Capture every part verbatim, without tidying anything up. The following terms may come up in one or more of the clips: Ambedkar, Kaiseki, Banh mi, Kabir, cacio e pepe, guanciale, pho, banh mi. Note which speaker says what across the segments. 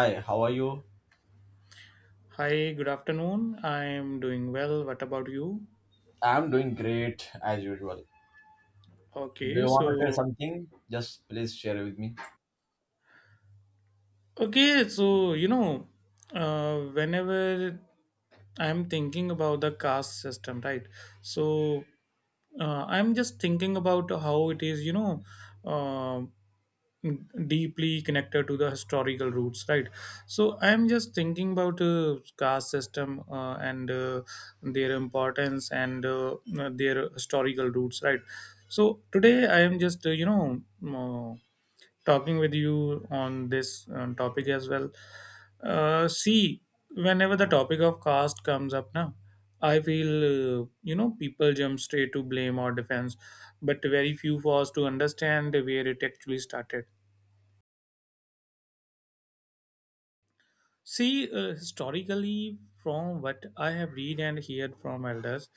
Speaker 1: Hi, how are you?
Speaker 2: Hi, good afternoon. I'm doing well. What about you?
Speaker 1: I'm doing great as usual. Do
Speaker 2: Okay,
Speaker 1: you want to share
Speaker 2: so
Speaker 1: something? Just please share it with me.
Speaker 2: okay, so you know, uh, Whenever I'm thinking about the caste system, right? So uh, I'm just thinking about how it is, you know, um deeply connected to the historical roots, right? So I'm just thinking about uh, caste system, uh, and uh, their importance, and uh, their historical roots, right? So today I am just uh, you know uh, talking with you on this um, topic as well. Uh, see, whenever the topic of caste comes up now, I feel uh, you know people jump straight to blame or defense, but very few pause to understand where it actually started. See, uh, historically, from what I have read and heard from elders,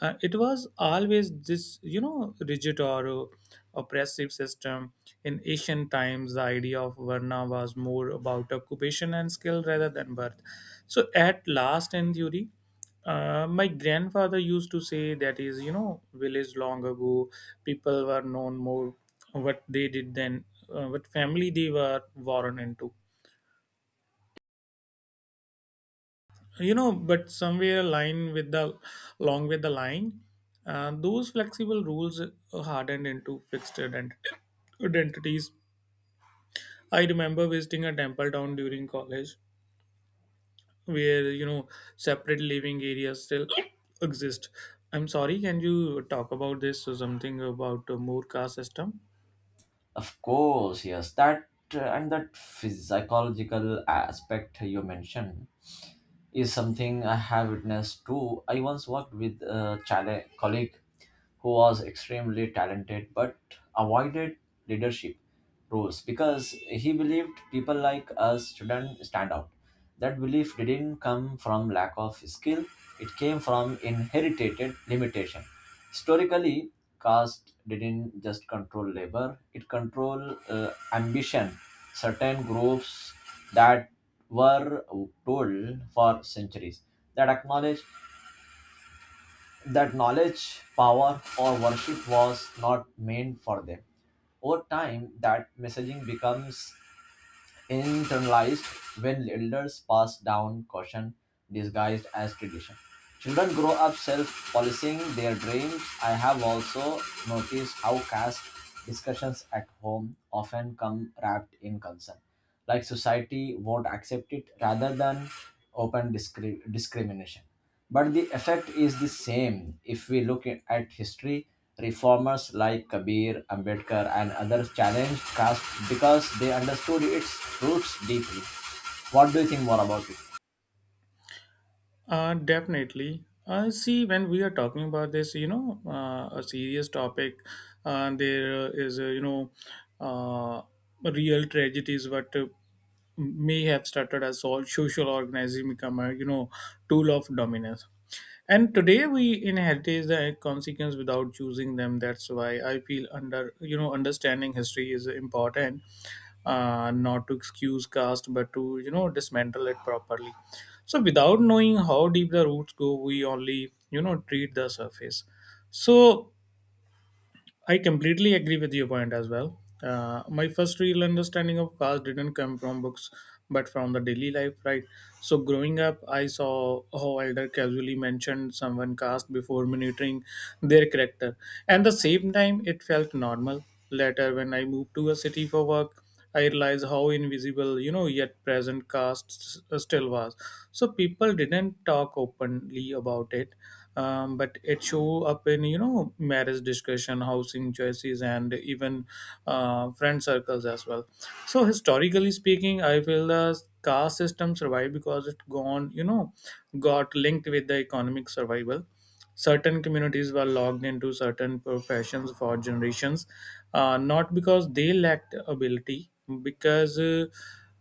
Speaker 2: uh, it was always this, you know, rigid or uh, oppressive system. In ancient times, the idea of Varna was more about occupation and skill rather than birth. So, at last, in theory, uh, my grandfather used to say that is, you know, village long ago, people were known more what they did than uh, what family they were born into. You know, but somewhere line with the along with the line uh, those flexible rules hardened into fixed ident- identities. I remember visiting a temple town during college where, you know, separate living areas still exist. I'm sorry, can you talk about this or something about the more caste system?
Speaker 1: Of course, yes. That uh, and that psychological aspect you mentioned is something I have witnessed too. I once worked with a chale- colleague who was extremely talented but avoided leadership roles because he believed people like us shouldn't stand out. That belief didn't come from lack of skill, it came from inherited limitation. Historically, caste didn't just control labor, it controlled uh, ambition. Certain groups that were told for centuries that acknowledge that knowledge, power, or worship was not meant for them. Over time that messaging becomes internalized when elders pass down caution disguised as tradition. Children grow up self policing their dreams. I have also noticed how caste discussions at home often come wrapped in concern, like society won't accept it rather than open discri- discrimination. But the effect is the same. If we look at at history, reformers like Kabir, Ambedkar, and others challenged caste because they understood its roots deeply. What do you think more about it?
Speaker 2: Uh, definitely. Uh, see, when we are talking about this, you know, uh, a serious topic, uh, there is, a, you know, uh, real tragedies what uh, may have started as all social organism become a, you know, tool of dominance, and today we inherit the consequence without choosing them. That's why I feel under you know, understanding history is important, uh, not to excuse caste but to, you know, dismantle it properly. So without knowing how deep the roots go, we only, you know, treat the surface. So I completely agree with your point as well. Uh, my first real understanding of cars didn't come from books, but from the daily life, right? So growing up, I saw how elder casually mentioned someone caste before monitoring their character, and the same time it felt normal. Later, when I moved to a city for work, I realized how invisible, you know, yet present caste s- still was. So people didn't talk openly about it, um, but it show up in, you know, marriage discussion, housing choices, and even uh, friend circles as well. So historically speaking, I feel the caste system survived because it gone, you know, got linked with the economic survival. Certain communities were locked into certain professions for generations, uh, not because they lacked ability, because uh,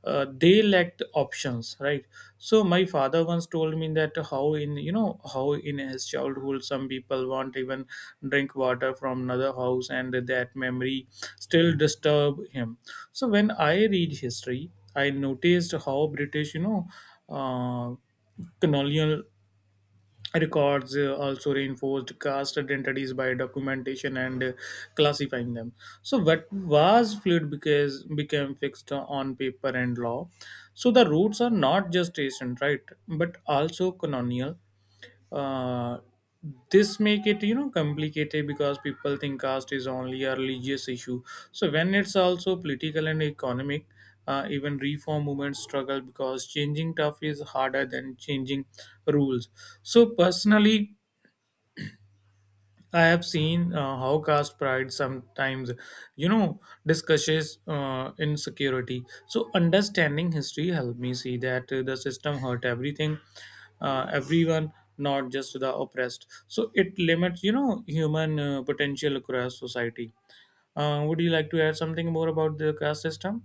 Speaker 2: uh, they lacked options, right? So my father once told me that how, in you know how in his childhood some people won't even drink water from another house, and that memory still disturb him. So when I read history, I noticed how British, you know, uh, colonial records uh, also reinforced caste identities by documentation and uh, classifying them. So what was fluid because became fixed on paper and law. So the roots are not just ancient, right, but also colonial. uh, this make it, you know, complicated because people think caste is only a religious issue. So when it's also political and economic, uh, even reform movements struggle because changing tough is harder than changing rules. So personally, I have seen uh, how caste pride sometimes, you know, discusses uh, insecurity. So understanding history helped me see that uh, the system hurt everything, uh, everyone, not just the oppressed. So it limits, you know, human uh, potential across society. Uh, would you like to add something more about the caste system?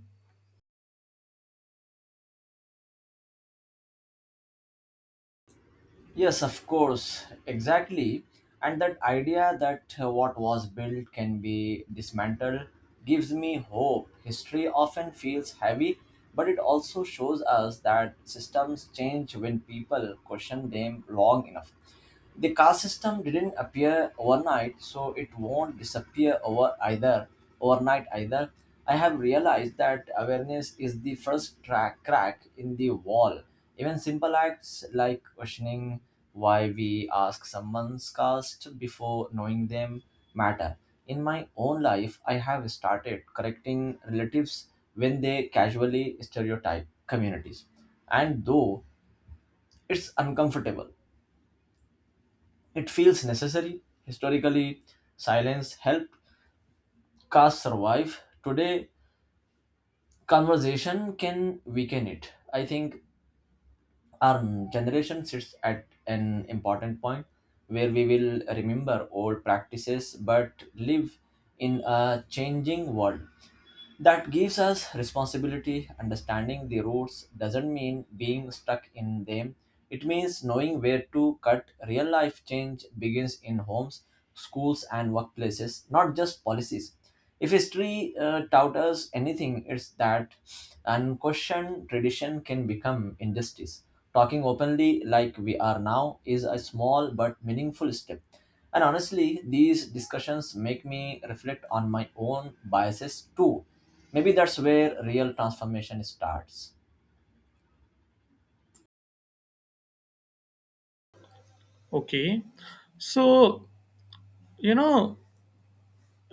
Speaker 1: Yes, of course, exactly. And that idea that uh, what was built can be dismantled gives me hope. History often feels heavy, but it also shows us that systems change when people question them long enough. The caste system didn't appear overnight, so it won't disappear over either overnight either. I have realized that awareness is the first track crack in the wall. Even simple acts like questioning why we ask someone's caste before knowing them matter. In my own life, I have started correcting relatives when they casually stereotype communities. And though it's uncomfortable, it feels necessary. Historically, silence helped caste survive. Today, conversation can weaken it. I think our generation sits at an important point where we will remember old practices but live in a changing world. That gives us responsibility. Understanding the routes doesn't mean being stuck in them. It means knowing where to cut. Real life change begins in homes, schools, and workplaces, not just policies. If history uh, taught us anything, it's that unquestioned tradition can become injustice. Talking openly like we are now is a small but meaningful step. And honestly, these discussions make me reflect on my own biases too. Maybe that's where real transformation starts.
Speaker 2: Okay, so, you know,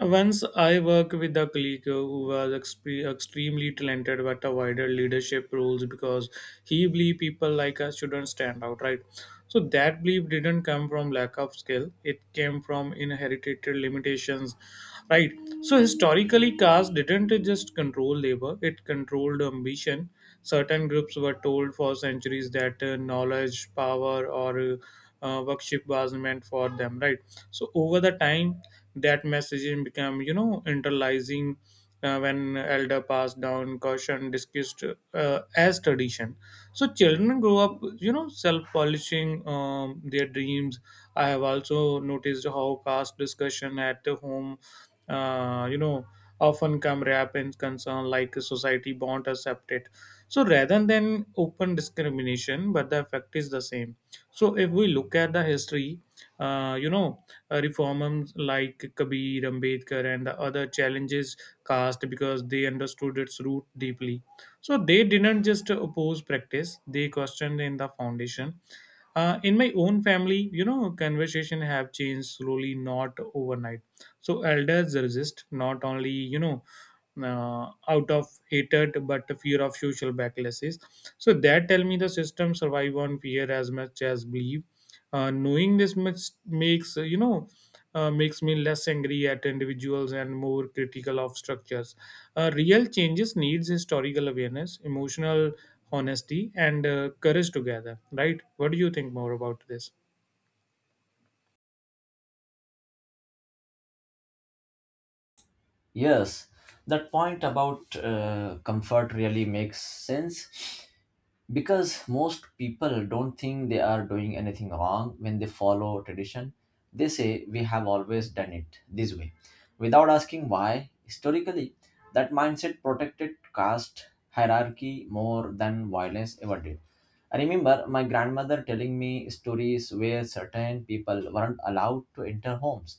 Speaker 2: once I worked with a colleague who was expre- extremely talented but avoided leadership roles because he believed people like us shouldn't stand out, right? So that belief didn't come from lack of skill, it came from inherited limitations, right? So historically, caste didn't just control labor, it controlled ambition. Certain groups were told for centuries that uh, knowledge, power, or uh, uh, worship was meant for them, right? So over the time, that messaging became, you know, internalizing uh, when elder passed down caution, discussed uh, as tradition. So children grow up, you know, self-polishing um, their dreams. I have also noticed how caste discussion at home, uh, you know, often come wrapped in concern like society won't accept it, so rather than open discrimination, but the effect is the same. So if we look at the history, uh, you know, uh, reformers like Kabir, Ambedkar, and the other challenges caste because they understood its root deeply. So they didn't just oppose practice; they questioned in the foundation. Uh, in my own family, you know, conversation have changed slowly, not overnight. So elders resist not only, you know, uh, out of hatred but the fear of social backlashes. So that tell me the system survive on fear as much as belief. Uh, knowing this much makes uh, you know uh, makes me less angry at individuals and more critical of structures. Uh, real changes needs historical awareness, emotional honesty, and uh, courage together, right? What do you think more about this?
Speaker 1: Yes, that point about uh, comfort really makes sense, because most people don't think they are doing anything wrong when they follow tradition. They say we have always done it this way without asking why. Historically, that mindset protected caste hierarchy more than violence ever did. I remember my grandmother telling me stories where certain people weren't allowed to enter homes,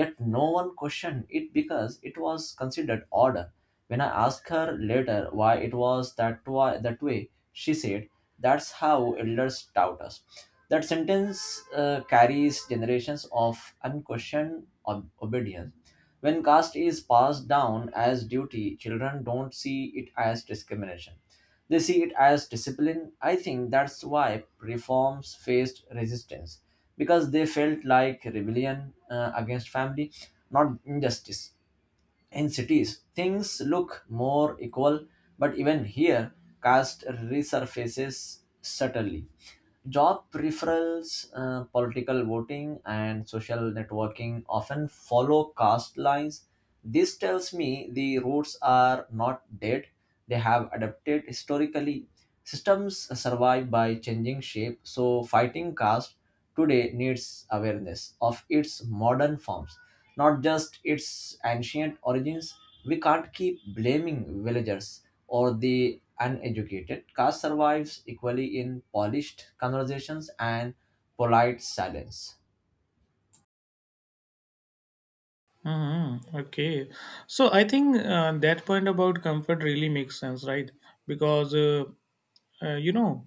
Speaker 1: yet no one questioned it because it was considered order. When I asked her later why it was that, wa- that way, she said, that's how elders taught us. That sentence uh, carries generations of unquestioned ob- obedience. When caste is passed down as duty, children don't see it as discrimination. They see it as discipline. I think that's why reforms faced resistance because they felt like rebellion uh, against family, not injustice. In cities, things look more equal, but even here, caste resurfaces subtly. Job referrals, uh, political voting, and social networking often follow caste lines. This tells me the roots are not dead, they have adapted historically. Systems survive by changing shape, so fighting caste today needs awareness of its modern forms, not just its ancient origins. We can't keep blaming villagers or the uneducated. Caste survives equally in polished conversations and polite silence.
Speaker 2: Mm-hmm. Okay. So I think uh, that point about comfort really makes sense, right? Because, uh, uh, you know,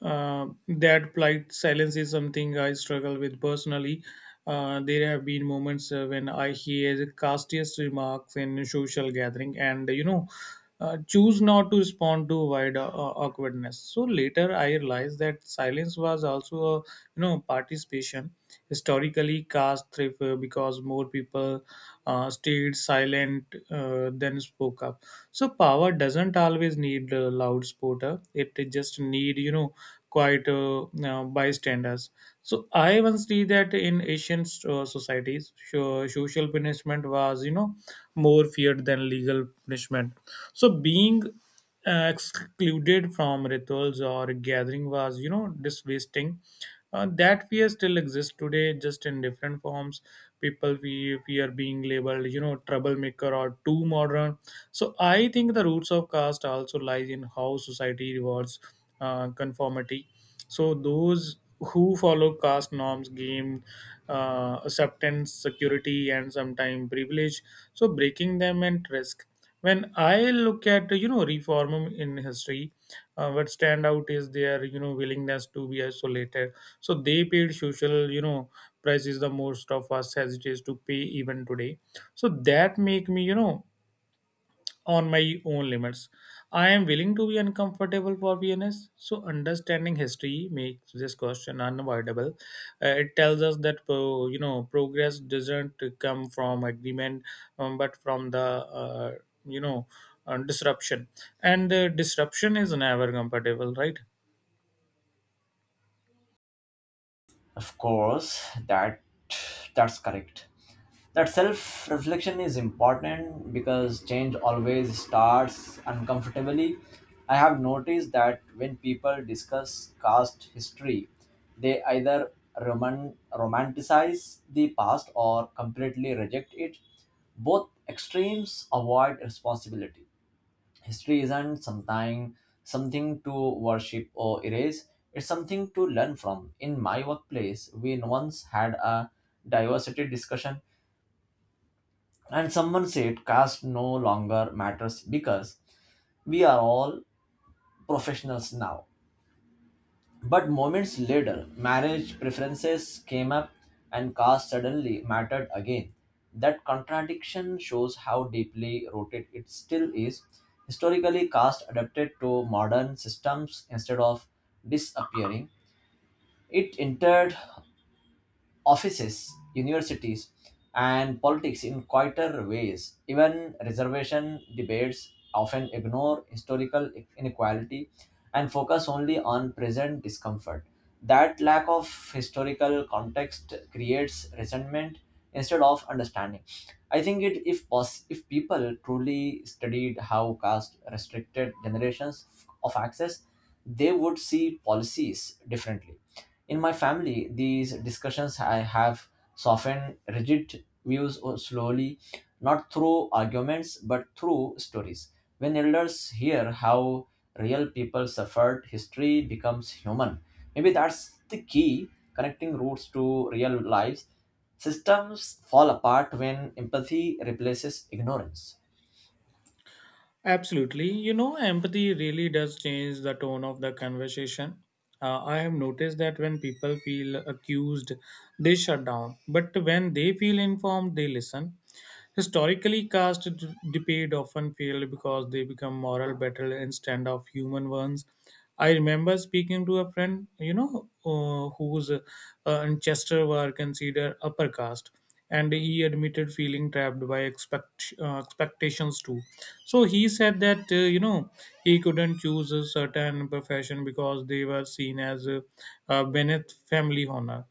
Speaker 2: uh, that polite silence is something I struggle with personally. Uh, there have been moments uh, when I hear the castiest remarks in social gathering and, you know, uh, choose not to respond to wide uh, awkwardness. So later I realized that silence was also, a, you know, participation. Historically, caste thrift uh, because more people uh, stayed silent uh, than spoke up. So power doesn't always need a loud supporter, it just need, you know, quite uh, uh, bystanders. So I once see that in asian uh, societies, so- social punishment was, you know, more feared than legal punishment. So being uh, excluded from rituals or gathering was, you know, disvesting. Uh, that fear still exists today, just in different forms. People fear, fear being labeled, you know, troublemaker or too modern. So I think the roots of caste also lies in how society rewards uh, conformity. So those who follow caste norms gain uh, acceptance, security, and sometimes privilege. So breaking them and risk. When I look at, you know, reform in history, uh, what stand out is their, you know, willingness to be isolated. So they paid social, you know, prices the most of us hesitate to pay even today. So that make me, you know, on my own limits. I am willing to be uncomfortable for fairness. So, understanding history makes this question unavoidable. Uh, it tells us that pro, you know, progress doesn't come from agreement, um, but from the uh, you know uh, disruption. And uh, disruption is never comfortable, right?
Speaker 1: Of course, that that's correct. That self-reflection is important because change always starts uncomfortably. I have noticed that when people discuss caste history, they either roman- romanticize the past or completely reject it. Both extremes avoid responsibility. History isn't something something to worship or erase, it's something to learn from. In my workplace we once had a diversity discussion, and someone said caste no longer matters because we are all professionals now. But moments later, marriage preferences came up and caste suddenly mattered again. That contradiction shows how deeply rooted it still is. Historically, caste adapted to modern systems instead of disappearing. It entered offices, universities, and politics in quieter ways. Even reservation debates often ignore historical inequality and focus only on present discomfort. That lack of historical context creates resentment instead of understanding. I think it if pos- if people truly studied how caste restricted generations of access, they would see policies differently. In my family, these discussions I have softened rigid views slowly, not through arguments but through stories. When elders hear how real people suffered, history becomes human. Maybe that's the key, connecting roots to real lives. Systems fall apart when empathy replaces ignorance.
Speaker 2: Absolutely. You know, empathy really does change the tone of the conversation. Uh, I have noticed that when people feel accused, they shut down. But when they feel informed, they listen. Historically, caste d- debate often failed because they become moral battle instead of human ones. I remember speaking to a friend, you know, uh, whose uh, ancestors were considered upper caste, and he admitted feeling trapped by expect, uh, expectations too. So he said that, uh, you know, he couldn't choose a certain profession because they were seen as uh, uh, beneath family honor.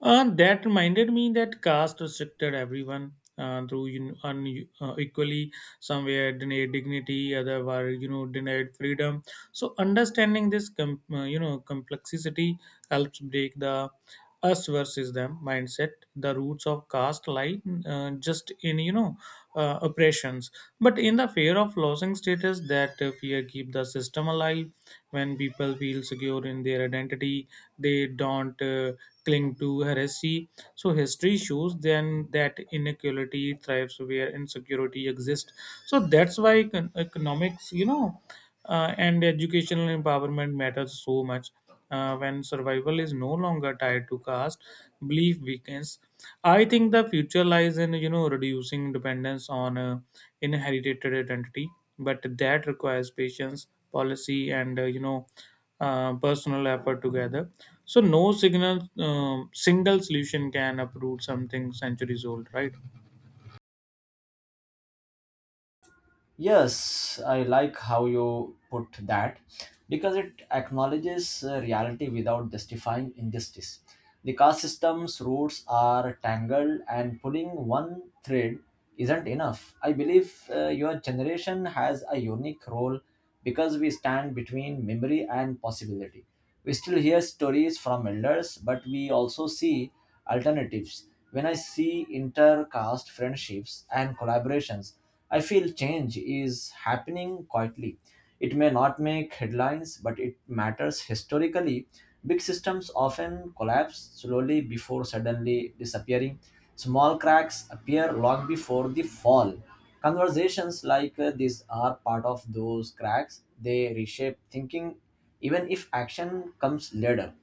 Speaker 2: Uh, that reminded me that caste restricted everyone uh, through, you know, un- uh, equally. Some were denied dignity, other were, you know, denied freedom. So understanding this com- uh, you know, complexity helps break the us versus them mindset. The roots of caste lie uh, just in, you know, uh, oppressions, but in the fear of losing status, that uh, fear keep the system alive. When people feel secure in their identity, they don't uh, cling to heresy. So history shows then that inequality thrives where insecurity exists. So that's why econ- economics, you know, uh, and educational empowerment matters so much. Uh, when survival is no longer tied to caste, belief weakens. I think the future lies in, you know, reducing dependence on uh, inherited identity, but that requires patience, policy, and, uh, you know uh, personal effort together. So no signal um, single solution can uproot something centuries old, right?
Speaker 1: Yes, I like how you put that because it acknowledges uh, reality without justifying injustice. The caste system's roots are tangled, and pulling one thread isn't enough. I believe uh, your generation has a unique role because we stand between memory and possibility. We still hear stories from elders, but we also see alternatives. When I see intercaste friendships and collaborations, I feel change is happening quietly. It may not make headlines, but it matters historically. Big systems often collapse slowly before suddenly disappearing. Small cracks appear long before the fall. Conversations like uh, this are part of those cracks. They reshape thinking, even if action comes later.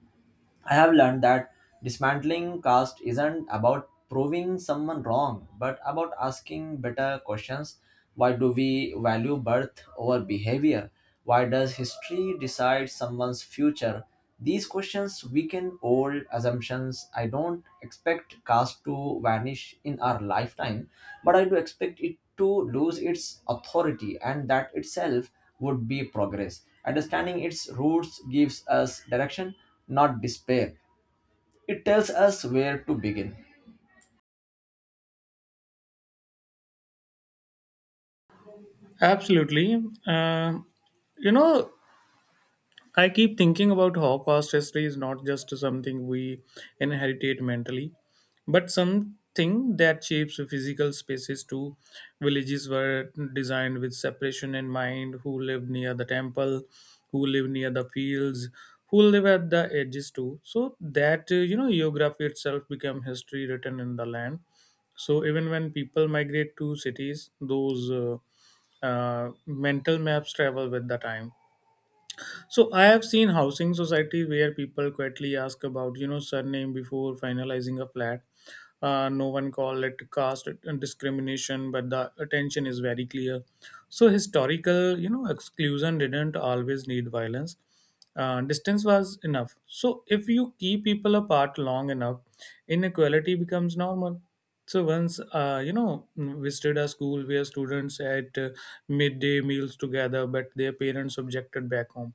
Speaker 1: I have learned that dismantling caste isn't about proving someone wrong, but about asking better questions. Why do we value birth over behavior? Why does history decide someone's future? These questions weaken old assumptions. I don't expect caste to vanish in our lifetime, but I do expect it to lose its authority, and that itself would be progress. Understanding its roots gives us direction, not despair. It tells us where to begin.
Speaker 2: Absolutely. Um you know I keep thinking about how past history is not just something we inherited mentally, but something that shapes physical spaces too. Villages were designed with separation in mind: who lived near the temple, who lived near the fields, who lived at the edges too. So that, uh, you know, geography itself became history written in the land. So even when people migrate to cities, those uh, uh, mental maps travel with the time, so I have seen housing society where people quietly ask about you know surname before finalizing a flat. Uh, no one call it caste discrimination, but the attention is very clear. So historical you know exclusion didn't always need violence. Uh, distance was enough. So if you keep people apart long enough, inequality becomes normal. So once uh, you know visited a school where students ate uh, midday meals together, but their parents objected back home,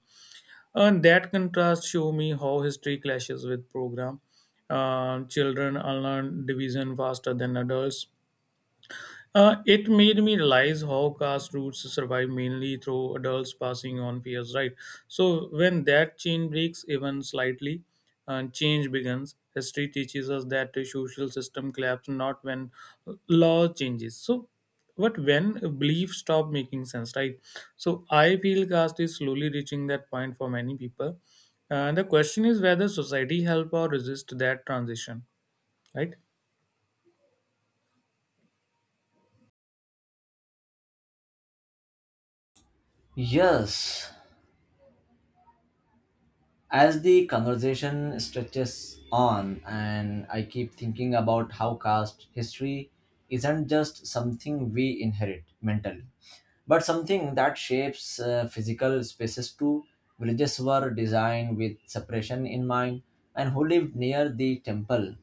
Speaker 2: and that contrast show me how history clashes with program. Uh, children unlearn division faster than adults. Uh, it made me realize how caste roots survive mainly through adults passing on fears, right? So when that chain breaks even slightly, uh, change begins. History teaches us that the social system collapses not when law changes. So, but when beliefs stop making sense, right? So I feel caste is slowly reaching that point for many people. Uh, the question is whether society help or resist that transition, right?
Speaker 1: Yes, as the conversation stretches on, and I keep thinking about how caste history isn't just something we inherit mentally, but something that shapes uh, physical spaces too. Villages were designed with separation in mind, and who lived near the temple,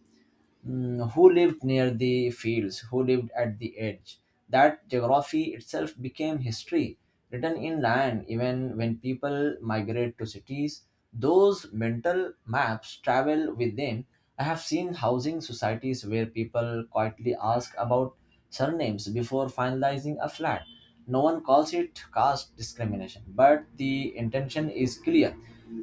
Speaker 1: mm, who lived near the fields, who lived at the edge. That geography itself became history, written in land, even when people migrate to cities. Those mental maps travel with them. I have seen housing societies where people quietly ask about surnames before finalizing a flat. No one calls it caste discrimination, but the intention is clear.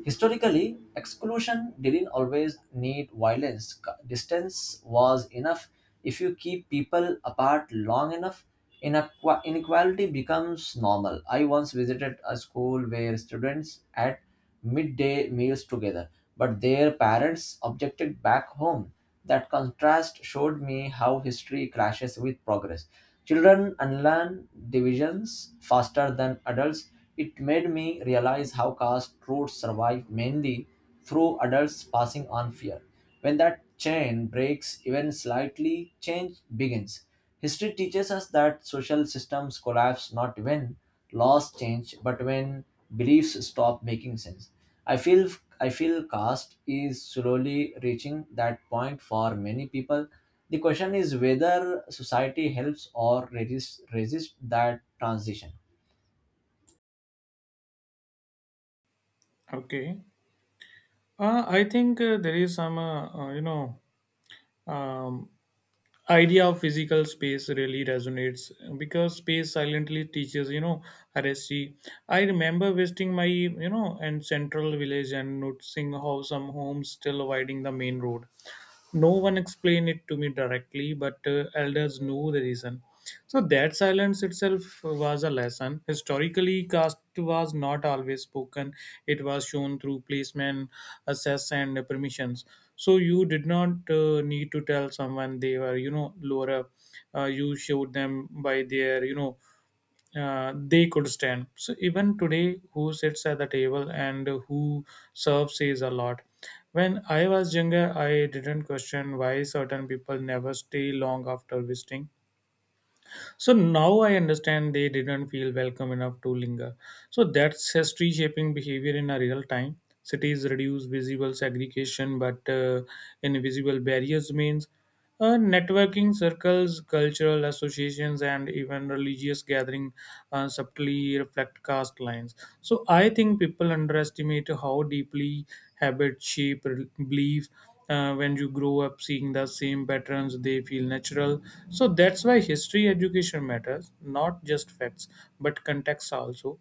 Speaker 1: Historically, exclusion didn't always need violence. C- Distance was enough. If you keep people apart long enough, inequa- inequality becomes normal. I once visited a school where students had midday meals together, but their parents objected back home. That contrast showed me how history clashes with progress. Children unlearn divisions faster than adults. It made me realize how caste roots survive mainly through adults passing on fear. When that chain breaks even slightly, change begins. History teaches us that social systems collapse not when laws change, but when beliefs stop making sense. I feel I feel caste is slowly reaching that point for many people. The question is whether society helps or resists resist that transition.
Speaker 2: Okay. Uh, I think uh, there is some, uh, uh, you know, um, idea of physical space really resonates because space silently teaches, you know, R S C. I remember visiting my, you know, and central village and noticing how some homes still avoiding the main road. No one explained it to me directly, but uh, elders knew the reason. So that silence itself was a lesson. Historically, caste was not always spoken, it was shown through placement, access, and permissions. So you did not uh, need to tell someone they were you know lower up. Uh, you showed them by their you know uh, they could stand. So even today, who sits at the table and who serves says a lot. When I was younger, I didn't question why certain people never stay long after visiting. So now I understand they didn't feel welcome enough to linger. So that's history shaping behavior in a real time. Cities reduce visible segregation, but uh, invisible barriers means uh, networking circles, cultural associations, and even religious gathering uh, subtly reflect caste lines. So I think people underestimate how deeply habit shape re- beliefs. Uh, when you grow up seeing the same patterns, they feel natural. So that's why history education matters, not just facts, but context also.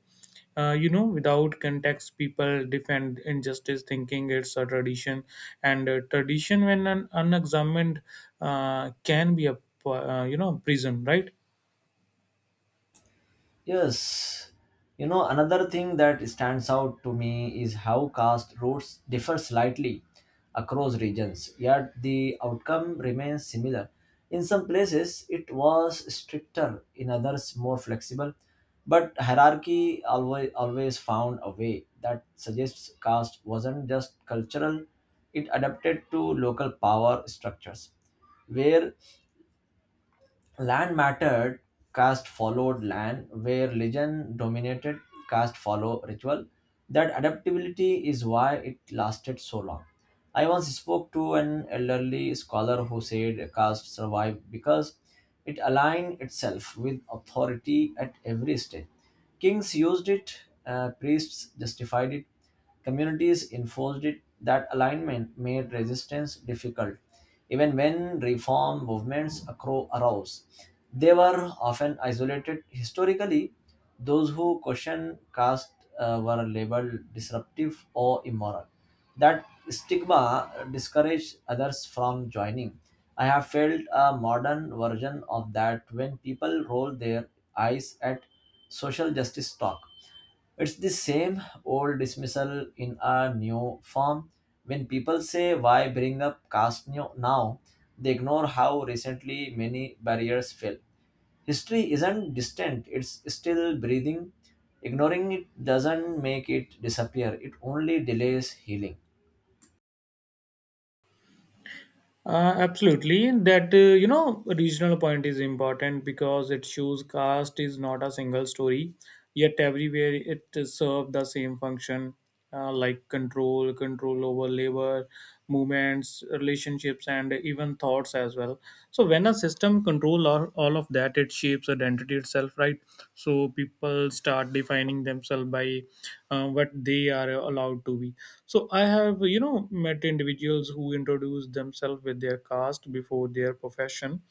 Speaker 2: uh, you know Without context, people defend injustice thinking it's a tradition. And uh, tradition, when un- unexamined, uh, can be a p- uh, you know prison, right?
Speaker 1: Yes, you know, another thing that stands out to me is how caste routes differ slightly across regions, yet the outcome remains similar. In some places, it was stricter, in others, more flexible, but hierarchy always, always found a way. That suggests caste wasn't just cultural, it adapted to local power structures. Where land mattered, caste followed land, where religion dominated, caste follow ritual. That adaptability is why it lasted so long. I once spoke to an elderly scholar who said caste survived because it aligned itself with authority at every stage. Kings used it, uh, priests justified it, communities enforced it. That alignment made resistance difficult. Even when reform movements acro- arose, they were often isolated. Historically, those who questioned caste uh, were labeled disruptive or immoral. That stigma discourages others from joining. I have felt a modern version of that when people roll their eyes at social justice talk. It's the same old dismissal in a new form. When people say, why bring up caste new- now? They ignore how recently many barriers fell. History isn't distant, it's still breathing. Ignoring it doesn't make it disappear, it only delays healing.
Speaker 2: Uh, absolutely. That, uh, you know, regional point is important because it shows caste is not a single story, yet everywhere it serves the same function. Uh, like control, control over labor, movements, relationships, and even thoughts as as well. So when a system control all, all of that, it shapes identity itself, right? So people start defining themselves by uh, what they are allowed to be. So I have you know met individuals who introduce themselves with their caste before their profession,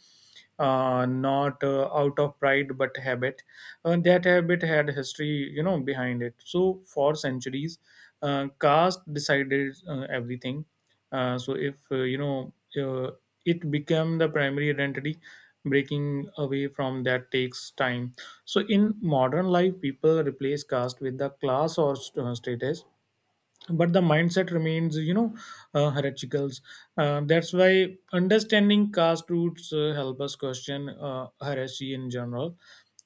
Speaker 2: uh, not uh, out of pride but habit. Uh, that habit had history, you know, behind it. So for centuries, uh, caste decided uh, everything. Uh, so if uh, you know, uh, it became the primary identity. Breaking away from that takes time. So in modern life, people replace caste with the class or st- uh, status, but the mindset remains, you know uh, heretical. Uh, that's why understanding caste roots uh, help us question uh, heresy in general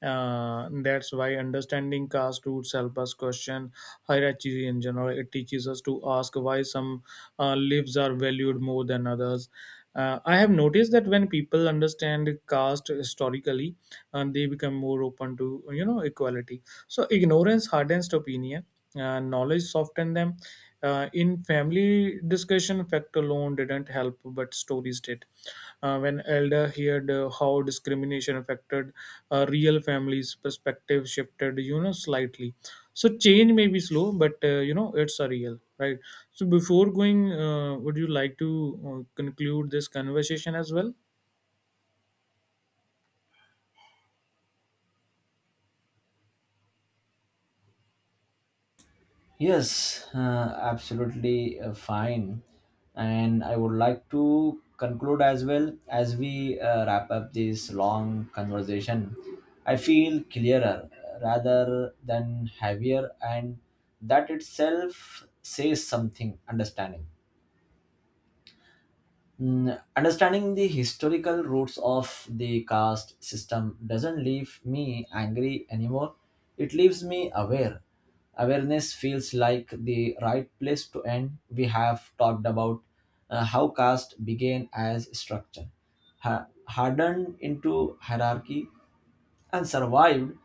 Speaker 2: uh, That's why understanding caste roots help us question hierarchy in general. It teaches us to ask why some uh, lives are valued more than others. uh, I have noticed that when people understand caste historically, uh, they become more open to you know equality. So ignorance hardens opinion, uh, knowledge softened them. Uh, in family discussion, fact alone didn't help, but stories did. Uh, when elder heard uh, how discrimination affected uh, real families, perspective shifted, you know, slightly. So change may be slow, but uh, you know, it's a real right. So before going, uh, would you like to uh, conclude this conversation as well?
Speaker 1: Yes, uh, absolutely uh, fine. And I would like to conclude as well as we uh, wrap up this long conversation. I feel clearer rather than heavier, and that itself says something understanding. Mm, understanding the historical roots of the caste system doesn't leave me angry anymore. It leaves me aware. Awareness feels like the right place to end. We have talked about uh, how caste began as structure, ha- hardened into hierarchy, and survived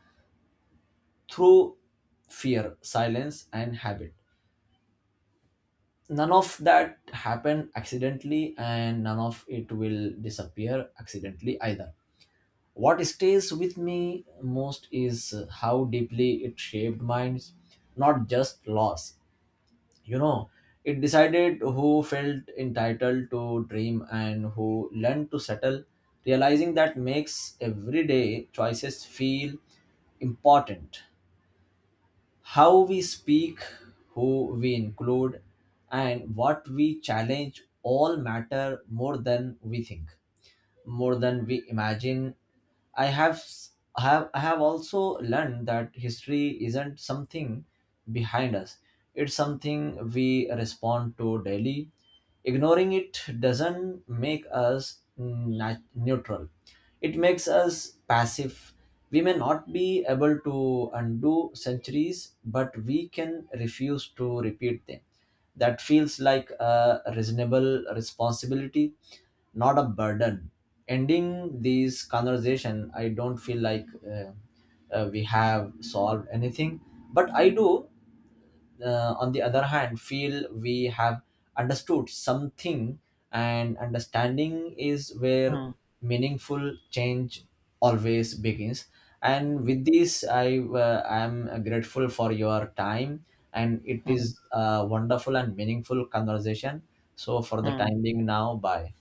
Speaker 1: through fear, silence, and habit. None of that happened accidentally, and none of it will disappear accidentally either. What stays with me most is how deeply it shaped minds, not just loss. You know, it decided who felt entitled to dream and who learned to settle. Realizing that makes everyday choices feel important. How we speak, who we include, and what we challenge all matter more than we think, more than we imagine. I have s- have I have also learned that history isn't something behind us. It's something we respond to daily. Ignoring it doesn't make us nat- neutral. It makes us passive. We may not be able to undo centuries, but we can refuse to repeat them. That feels like a reasonable responsibility, not a burden. Ending these conversation, I don't feel like uh, uh, we have solved anything, but I do uh, on the other hand feel we have understood something, and understanding is where
Speaker 2: Hmm.
Speaker 1: meaningful change always begins. And with this i uh, i am grateful for your time, and it
Speaker 2: Hmm.
Speaker 1: is a wonderful and meaningful conversation. So for the
Speaker 2: Hmm.
Speaker 1: time being now, bye.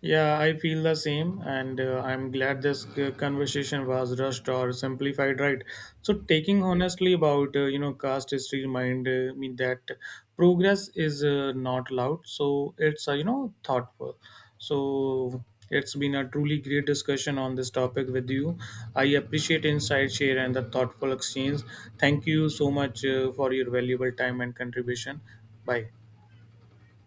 Speaker 2: Yeah, I feel the same, and uh, I'm glad this uh, conversation was rushed or simplified, right? So taking honestly about uh, you know caste history remind uh, me that progress is uh, not loud, so it's uh, you know thoughtful. So it's been a truly great discussion on this topic with you. I appreciate insight share and the thoughtful exchange. Thank you so much uh, for your valuable time and contribution. Bye.